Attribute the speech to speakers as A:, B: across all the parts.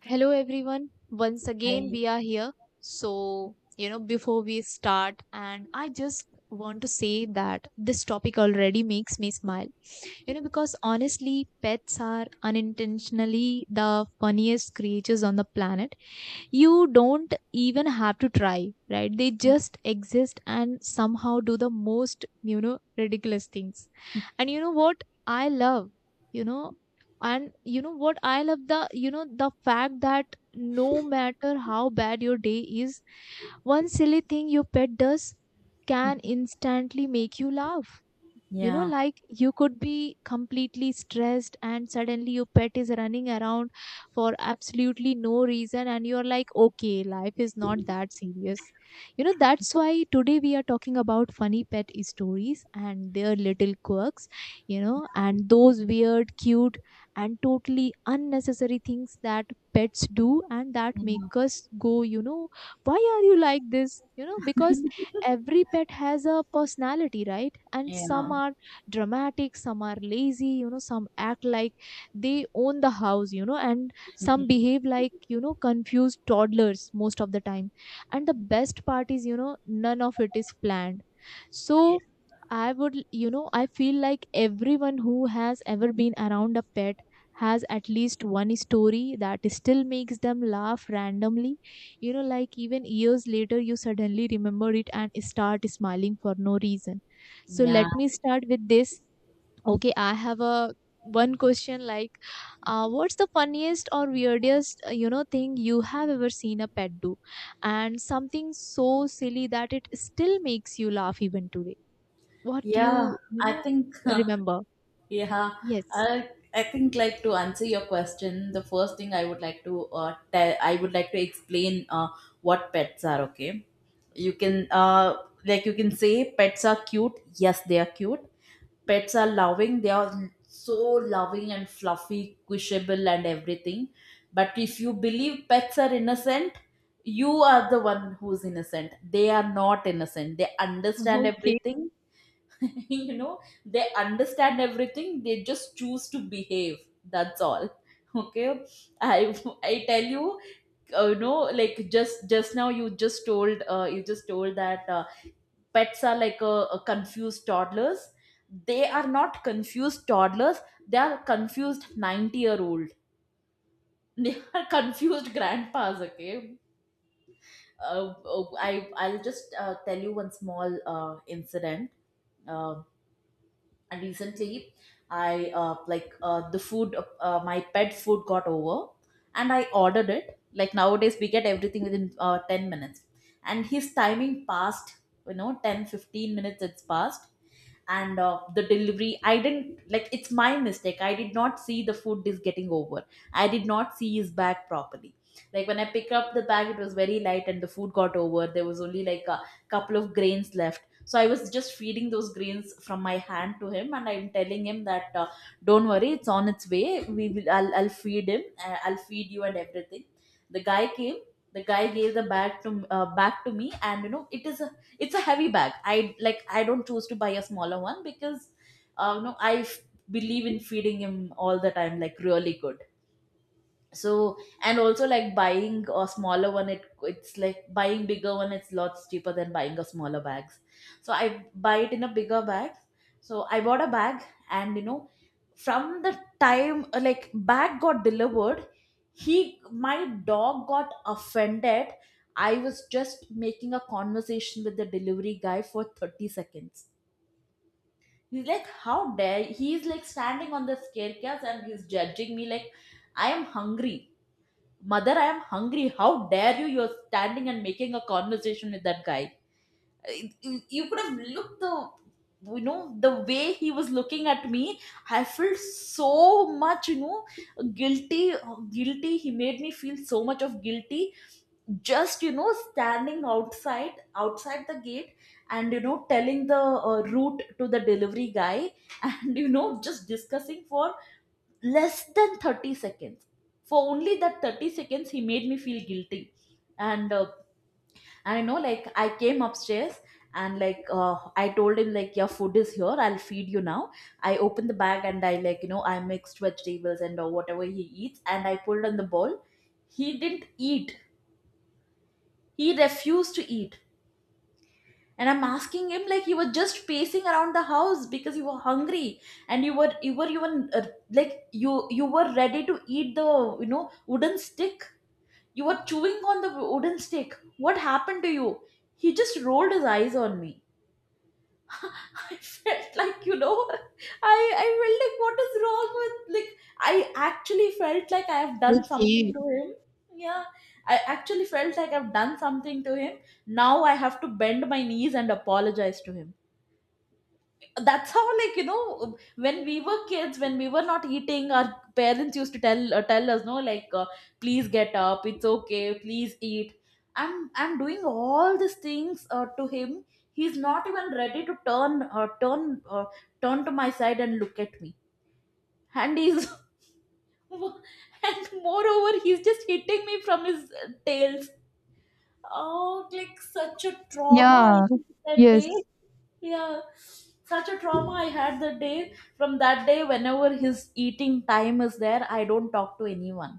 A: Hello everyone. Once again
B: I
A: we are here. So, before we start and I just want to say that this topic already makes me smile. Because honestly, pets are unintentionally the funniest creatures on the planet. You don't even have to try, right? They just exist and somehow do the most, ridiculous things. And you know what I love, you know you know what I love, the you know the fact that no matter how bad your day is, one silly thing your pet does can instantly make you laugh. you know
B: yeah,
A: like you could be completely stressed and suddenly your pet is running around for absolutely no reason, and you're like, okay, life is not that serious. That's why today we are talking about funny pet stories and their little quirks, and those weird, cute, and totally unnecessary things that pets do and that make
B: yeah,
A: us go, why are you like this? Because every pet has a personality, right? And some
B: yeah,
A: are dramatic, some are lazy, some act like they own the house, and some behave like, confused toddlers most of the time. And the best part is, none of it is planned. So I would, I feel like everyone who has ever been around a pet has at least one story that still makes them laugh randomly. Like even years later, you suddenly remember it and start smiling for no reason. So
B: yeah,
A: let me start with this. Okay, I have a one question, like, what's the funniest or weirdest, thing you have ever seen a pet do, and something so silly that it still makes you laugh even today? What
B: yeah.
A: you
B: I
A: know
B: think
A: remember?
B: yeah,
A: Yes.
B: I think, like, to answer your question, the first thing I would like to tell, I would like to explain what pets are. Okay, you can like, you can say pets are cute. Yes, they are cute, pets are loving, they are so loving and fluffy, quishable and everything, but if you believe pets are innocent, you are the one who's innocent. They are not innocent, they understand
A: Okay.
B: everything. You know, they understand everything, they just choose to behave, that's all. Okay, i I tell you. You know, like, just now you just told that pets are like a confused toddlers. They are not confused toddlers, they are confused 90-year old. They are confused grandpas. Okay, I'll just tell you one small incident. Uh, and recently I like the food my pet food got over, and I ordered it. Like, nowadays we get everything within 10 minutes, and his timing passed, you know, 10, 15 minutes it's passed. And the delivery, I didn't like, it's my mistake, I did not see the food is getting over, I did not see his bag properly. Like, when I pick up the bag, it was very light and the food got over. There was only like a couple of grains left. So I was just feeding those grains from my hand to him, and I'm telling him that don't worry, it's on its way. We will. I'll feed him. I'll feed you and everything. The guy came. The guy gave the bag to back to me, and, you know, it is a it's a heavy bag. I Like, I don't choose to buy a smaller one, because you know, believe in feeding him all the time, like, really good. So, and also, like, buying a smaller one, it's like buying bigger one, it's lots cheaper than buying a smaller bags. So I buy it in a bigger bag, so I bought a bag. And you know, from the time like bag got delivered, he my dog got offended. I was just making a conversation with the delivery guy for 30 seconds. He's like, how dare. He's like standing on the staircase and he's judging me, like, I am hungry. Mother, I am hungry. How dare you? You're standing and making a conversation with that guy. You could have looked the, you know, the way he was looking at me, I felt so much, you know, guilty. Guilty, he made me feel so much of guilty, just, you know, standing outside the gate, and, you know, telling the route to the delivery guy, and, you know, just discussing for less than 30 seconds. For only that 30 seconds he made me feel guilty. And I know, like, I came upstairs, and I told him, like, your food is here, I'll feed you now. I opened the bag and I like, you know, I mixed vegetables and whatever he eats and I pulled on the bowl. He didn't eat, he refused to eat. And I'm asking him, like, he was just pacing around the house because you were hungry, and you were even like, you were ready to eat the, you know, wooden stick. You were chewing on the wooden stick. What happened to you? He just rolled his eyes on me. I felt like, you know, I felt like, what is wrong with, like, I actually felt like I have done something
A: Okay.
B: to him. Yeah, I actually felt like I've done something to him. Now I have to bend my knees and apologize to him. That's how, like, you know, when we were kids, when we were not eating, our parents used to tell tell us, no, like, please get up, it's okay, please eat. I'm doing all these things to him. He's not even ready to turn turn to my side and look at me. And he's and moreover he's just hitting me from his tails. Oh, like, such a trauma I
A: Yeah.
B: felt that day.
A: Yes.
B: Yeah, such a trauma I had that day. From that day, whenever his eating time is there, I don't talk to anyone,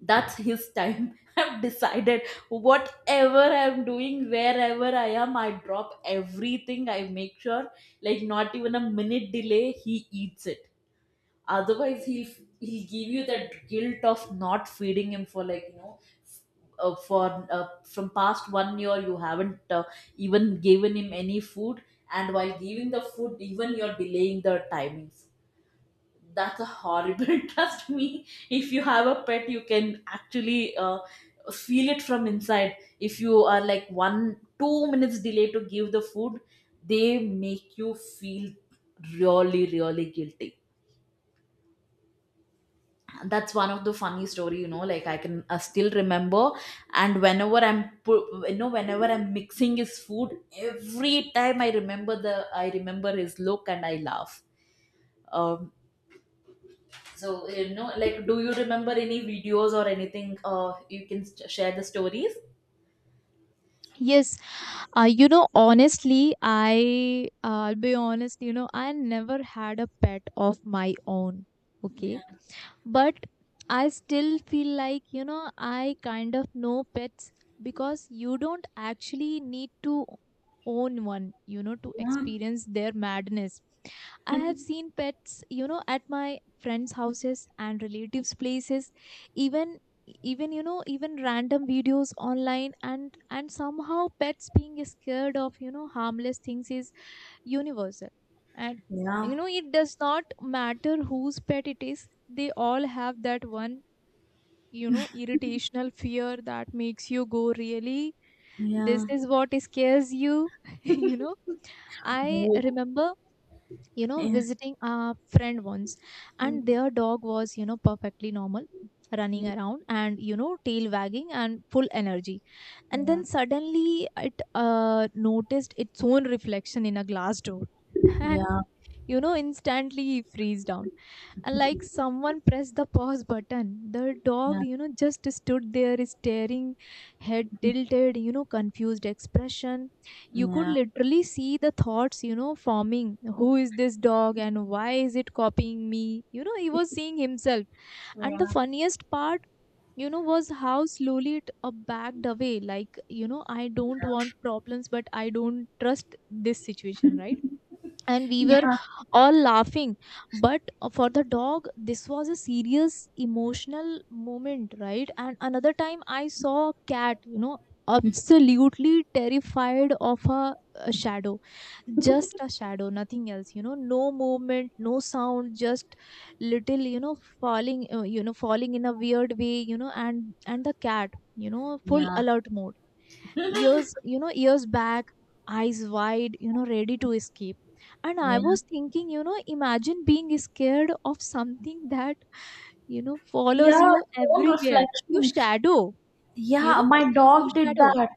B: that's his time. I've decided, whatever I'm doing, wherever I am, I drop everything, I make sure, like, not even a minute delay, he eats it. Otherwise he'll give you that guilt of not feeding him for, like, you know, f- for from past one year you haven't, even given him any food. And while giving the food, even you're delaying the timings. That's a horrible. Trust me, if you have a pet, you can actually feel it from inside. If you are, like, 1, 2 minutes delay to give the food, they make you feel really really guilty. That's one of the funny story, you know, like, I can still remember. And whenever you know, whenever I'm mixing his food, every time I remember the I remember his look and I laugh. um so, you know, like, do you remember any videos or anything? Uh, you can share the stories.
A: Yes, honestly, I'll be honest, I never had a pet of my own.
B: Yeah.
A: Okay. But I still feel like, I kind of know pets, because you don't actually need to own one, to
B: yeah
A: experience their madness. I have seen pets, at my friends' houses and relatives' places, even even you know even random videos online. And somehow pets being scared of, harmless things is universal. And,
B: yeah
A: it does not matter whose pet it is, they all have that one, irritational fear that makes you go, really, this
B: yeah
A: is what scares you? you know I
B: Oh,
A: remember,
B: yeah
A: visiting a friend once, and
B: Mhm.
A: their dog was, perfectly normal, running
B: yeah
A: around and, tail wagging and full energy. And
B: yeah
A: then suddenly it, noticed its own reflection in a glass door, and,
B: yeah
A: instantly freeze down. And like someone pressed the pause button, the
B: yeah
A: dog, just stood there staring, head tilted, confused expression. You could
B: yeah
A: literally see the thoughts, forming. Who is this dog and why is it copying me? He was seeing himself. And the funniest part, was how slowly it, backed away. Like, I don't want problems, but I don't trust this situation, right? And we were
B: Yeah.
A: all laughing, but, for the dog this was a serious emotional moment, right? And another time I saw a cat, absolutely terrified of a shadow. Just a shadow, nothing else, no movement, no sound, just little, falling, falling in a weird way, and, the cat, full
B: Yeah.
A: alert mode, years, years back, eyes wide, ready to escape. And I
B: yeah
A: was thinking, imagine being scared of something that, follows
B: Yeah,
A: you
B: its own
A: everywhere. You
B: reflection.
A: shadow. you
B: Yeah,
A: know
B: my
A: you
B: dog did
A: shadow.
B: that.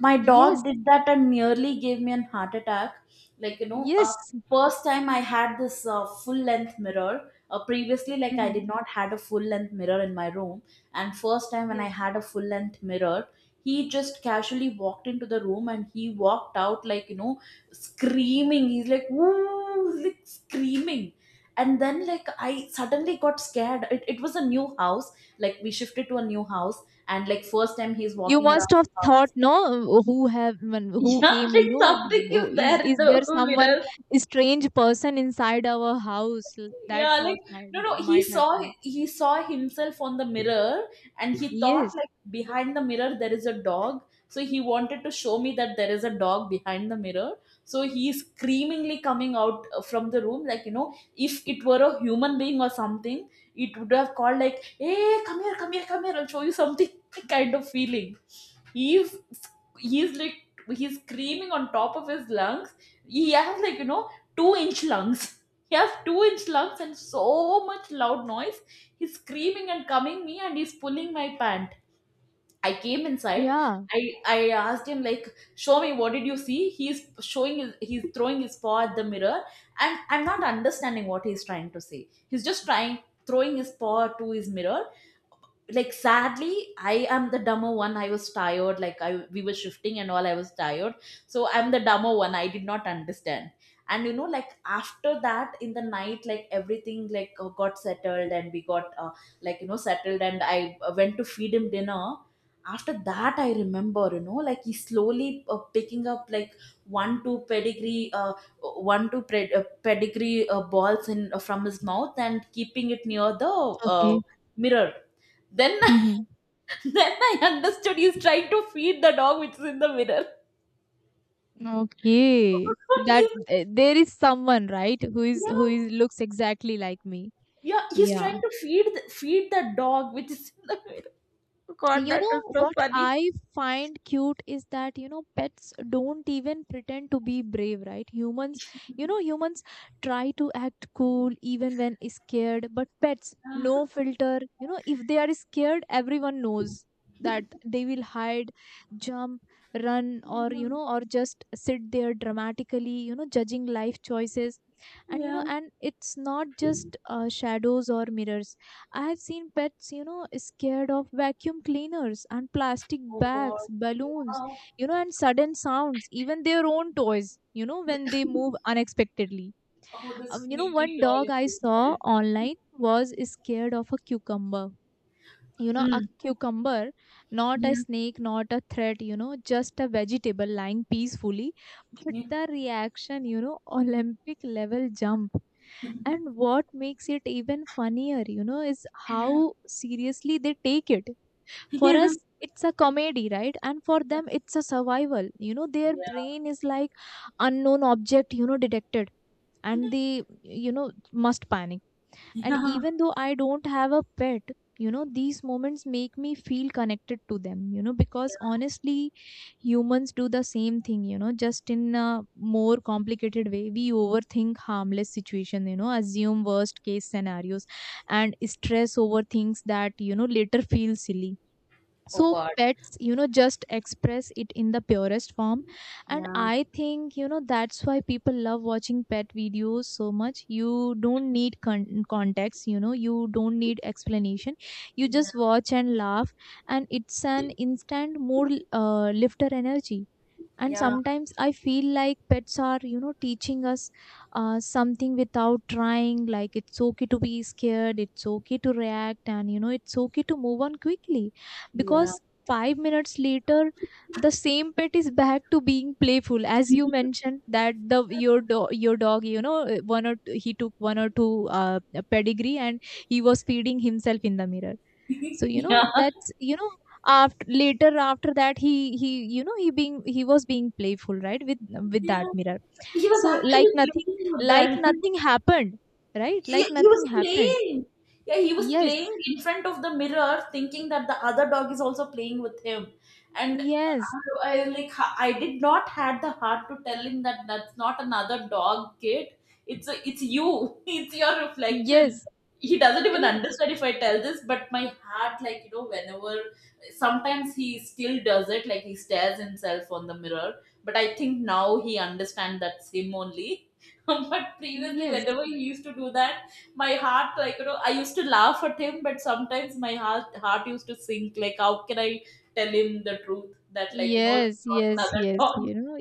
B: My
A: Yes.
B: dog did that and nearly gave me a heart attack. Like, you know,
A: Yes.
B: first time I had this full length mirror. Previously, like, I
A: Mhm.
B: did not had a full length mirror in my room. And first time when I
A: Yes.
B: had a full length mirror, he just casually walked into the room and he walked out, like, you know, screaming. He's like, woo, like screaming. And then, like, I suddenly got scared. It was a new house. Like, we shifted to a new house and, like, first time he's
A: You
B: walking around
A: must have
B: the
A: thought,
B: house.
A: no, who have, who
B: Yeah,
A: came,
B: like something is
A: is
B: there in
A: is there
B: the
A: someone,
B: mirror.
A: a strange person inside our house? That
B: Yeah, like,
A: thought might
B: no, he
A: might have
B: saw,
A: come.
B: he saw himself on the mirror, and he thought
A: Yes.
B: like behind the mirror there is a dog. So he wanted to show me that there is a dog behind the mirror. So he is screamingly coming out from the room. Like, you know, if it were a human being or something, it would have called, like, hey, come here, come here, come here, I'll show you something, kind of feeling. he's he's like he's screaming on top of his lungs. He has, like, you know, two-inch lungs. He has two-inch lumps and so much loud noise. He's screaming and coming me and he's pulling my pant. I came inside.
A: Yeah.
B: I asked him, like, show me, what did you see? He's showing his, he's throwing his paw at the mirror, and I'm not understanding what he's trying to say. He's just trying Throwing his paw to his mirror. Like, sadly, I am the dumber one, I was tired, like I we were shifting and all, I was tired, so I'm the dumber one, I did not understand. And, you know, like, after that in the night, like, everything, got settled, and we got like, you know, settled, and i went to feed him dinner. After that, I remember, you know, like, he slowly picking up, like, one two pedigree pedigree balls in from his mouth and keeping it near the uh,
A: Okay.
B: mirror. Then then I understood, he's trying to feed the dog which is in the mirror.
A: Okay. That,
B: He's-
A: eh, there is someone, right, who is, who
B: yeah,
A: is looks exactly like me.
B: yeah, he's
A: Yeah.
B: trying to feed feed the dog which is in the mirror. God, that was so
A: What
B: funny.
A: I find cute is that, pets don't even pretend to be brave, right? Humans, humans try to act cool even when scared, but pets,
B: Yeah,
A: no filter. If they are scared, everyone knows that they will hide, jump, run, or,
B: yeah.
A: or just sit there dramatically, judging life choices. And, you know
B: Yeah.
A: and it's not just, shadows or mirrors. I have seen pets, scared of vacuum cleaners and plastic
B: Oh
A: bags,
B: God.
A: balloons,
B: Yeah.
A: and sudden sounds, even their own toys, when they move unexpectedly.
B: Oh, the squeaky
A: One
B: toy
A: dog
B: is
A: I
B: in
A: saw
B: there.
A: online was scared of a cucumber. A
B: Mm.
A: cucumber, not
B: Yeah.
A: a snake, not a threat, just a vegetable lying peacefully. But
B: Yeah.
A: the reaction, Olympic level jump. And what makes it even funnier, is how seriously they take it. For
B: Yeah.
A: us, it's a comedy, right? And for them, it's a survival. Their
B: Yeah.
A: brain is like, unknown object, detected, and they, must panic. And
B: Yeah.
A: even though I don't have a pet, these moments make me feel connected to them, because honestly, humans do the same thing, just in a more complicated way. We overthink harmless situation, assume worst case scenarios, and stress over things that, later feel silly.
B: Oh
A: So
B: God.
A: pets, just express it in the purest form. And
B: Yeah.
A: I think, that's why people love watching pet videos so much. You don't need context, you don't need explanation. You
B: Yeah.
A: just watch and laugh. And it's an instant mood, lifter energy. And
B: Yeah.
A: sometimes I feel like pets are, teaching us, something without trying. Like, it's okay to be scared, it's okay to react, and, it's okay to move on quickly,
B: Yeah.
A: because 5 minutes later the same pet is back to being playful. As you mentioned that the your dog, one or two, he took one or two, pedigree, and he was feeding himself in the mirror. So,
B: Yeah.
A: that's, after, later after that, he he being, he was being playful, right, with that
B: Yeah.
A: mirror.
B: He was
A: So like
B: actually playing
A: nothing,
B: with
A: like
B: that.
A: nothing happened right
B: he,
A: like
B: he was
A: nothing happened.
B: playing, yeah, he was
A: Yes,
B: playing in front of the mirror thinking that the other dog is also playing with him. And
A: yes
B: I like I did not had the heart to tell him that that's not another dog, kid. It's you. It's your reflection.
A: yes
B: He doesn't
A: I
B: even
A: mean,
B: understand if I tell this, but my heart, like you know, whenever, sometimes he still does it, like he stares himself on the mirror. But I think now he understands that's him only. But previously
A: yes,
B: whenever he used to do that, my heart, like you know, I used to laugh at him. But sometimes my heart used to sink, like how can I tell him the truth, that like you know
A: yes,
B: it's not another dog.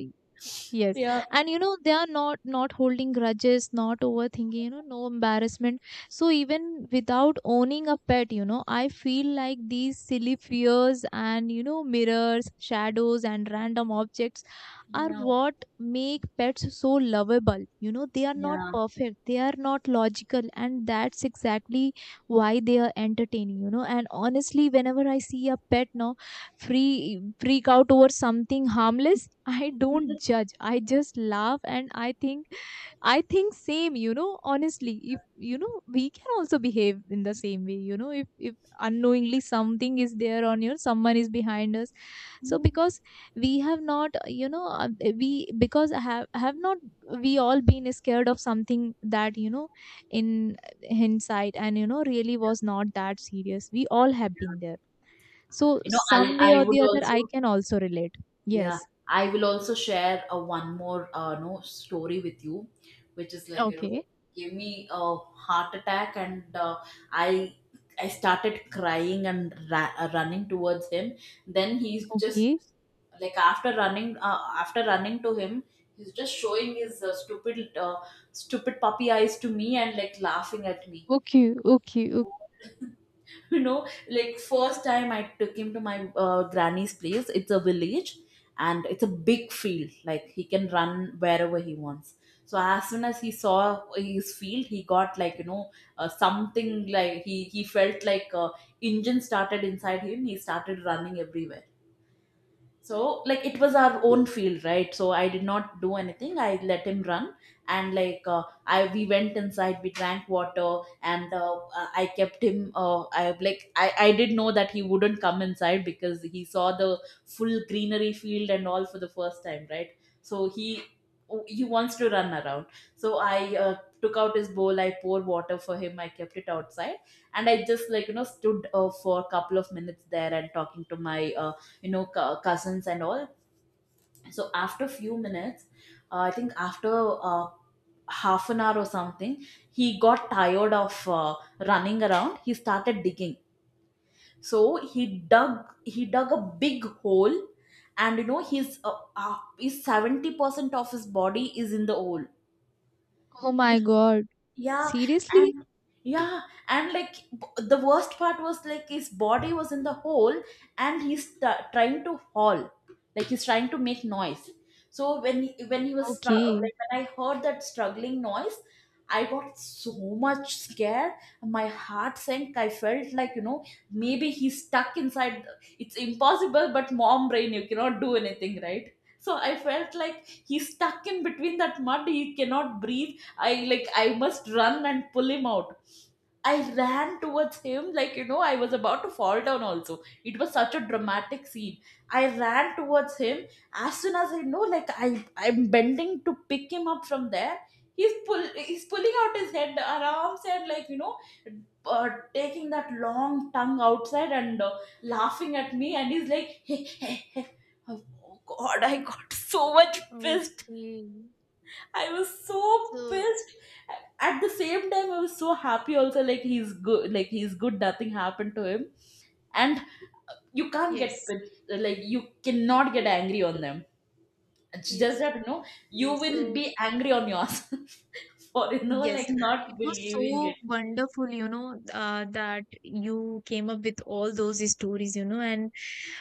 A: Yes.
B: Yeah,
A: And, they are not, holding grudges, not overthinking, no embarrassment. So even without owning a pet, I feel like these silly fears and, mirrors, shadows, and random objects are
B: yeah,
A: what make pets so lovable. They are not
B: yeah.
A: perfect, they are not logical, and that's exactly why they are entertaining. And honestly, whenever I see a pet now, free freak out over something harmless, I don't judge, I just laugh. And I think, same, honestly, if, we can also behave in the same way, if, unknowingly something is there on you, someone is behind us. So, because we have not, we, because have, not, we all been scared of something that, in hindsight, and, really was not that serious. We all have been there. So,
B: You know, i
A: some way
B: i
A: or the
B: would
A: other,
B: also.
A: I can also relate.
B: Yeah,
A: Yes.
B: I will also share a one more no story with you, which is like you know,
A: Okay.
B: gave me a heart attack. And I I started crying and running towards him. Then he's just
A: Okay.
B: like, after running to him, he's just showing his stupid stupid puppy eyes to me and like laughing at me.
A: Okay. Okay.
B: You know, like first time I took him to my granny's place. It's a village, and it's a big field, like he can run wherever he wants. So as soon as he saw his field, he got like you know, something, like he felt like, engine started inside him. He started running everywhere. So, like, it was our own field, right? So, I did not do anything. I let him run, and like, I we went inside, we drank water, and I kept him. I like, I did know that he wouldn't come inside because he saw the full greenery field and all for the first time, right? So he wants to run around. So I took out his bowl, I poured water for him, I kept it outside, and I just like you know stood for a couple of minutes there and talking to my you know cousins and all. So after few minutes, I think after uh, half an hour or something, he got tired of running around. He started digging. So he dug he dug a big hole. And you know his 70% of his body is in the hole.
A: Oh my God.
B: Yeah,
A: Seriously?
B: and yeah, and like the worst part was like his body was in the hole, and he's trying to haul, like he's trying to make noise. So when he was like
A: Okay.
B: when I heard that struggling noise, I got so much scared. My heart sank. I felt like you know maybe he's stuck inside. It's impossible, but mom brain, you cannot do anything, right? So I felt like he's stuck in between that mud. He cannot breathe. I like I must run and pull him out. I ran towards him, like you know I was about to fall down also. It was such a dramatic scene. I ran towards him. As soon as I know, like I'm bending to pick him up from there, he's pulling out his head, arms, and like you know taking that long tongue outside and laughing at me, and he's like oh god, I got so much pissed.
A: Okay.
B: I was so
A: So,
B: pissed. At the same time, I was so happy also. Like he's good. Like he's good. Nothing happened to him. And you can't get
A: yes,
B: pissed. Like you cannot get angry on them. It's just
A: yes.
B: that you know you
A: Okay.
B: will
A: So,
B: be angry on yourself for you know
A: yes,
B: like
A: and
B: not
A: it was
B: believing
A: so
B: it.
A: wonderful, that you came up with all those stories, and,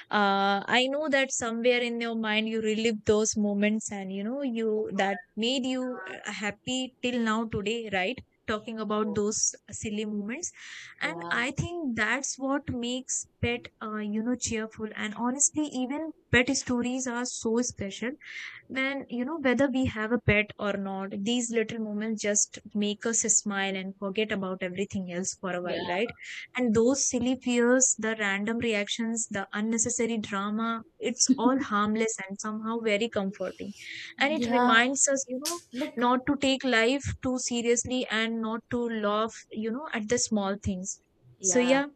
A: I know that somewhere in your mind you relive those moments and, you that made you, happy till now today, right? Talking about those silly moments. And
B: Yeah.
A: I think that's what makes pet, cheerful. And honestly, even pet stories are so special. Man, whether we have a pet or not, these little moments just make us smile and forget about everything else for a
B: Yeah.
A: while, right? And those silly fears, the random reactions, the unnecessary drama, it's all harmless and somehow very comforting. And it
B: Yeah.
A: reminds us,
B: Like
A: not to take life too seriously and not to laugh, at the small things. So,
B: yeah.
A: yeah.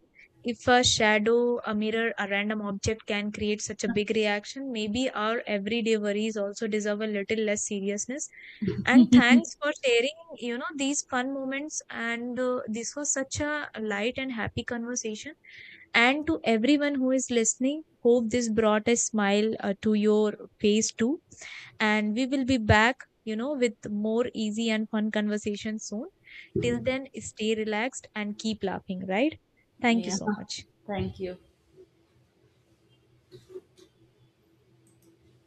A: If a shadow, a mirror, a random object can create such a big reaction, maybe our everyday worries also deserve a little less seriousness. And thanks for sharing, these fun moments. And, this was such a light and happy conversation. And to everyone who is listening, hope this brought a smile, to your face too. And we will be back, with more easy and fun conversations soon. Till then, stay relaxed and keep laughing, right? Thank you
B: Yeah.
A: so much.
B: Thank you.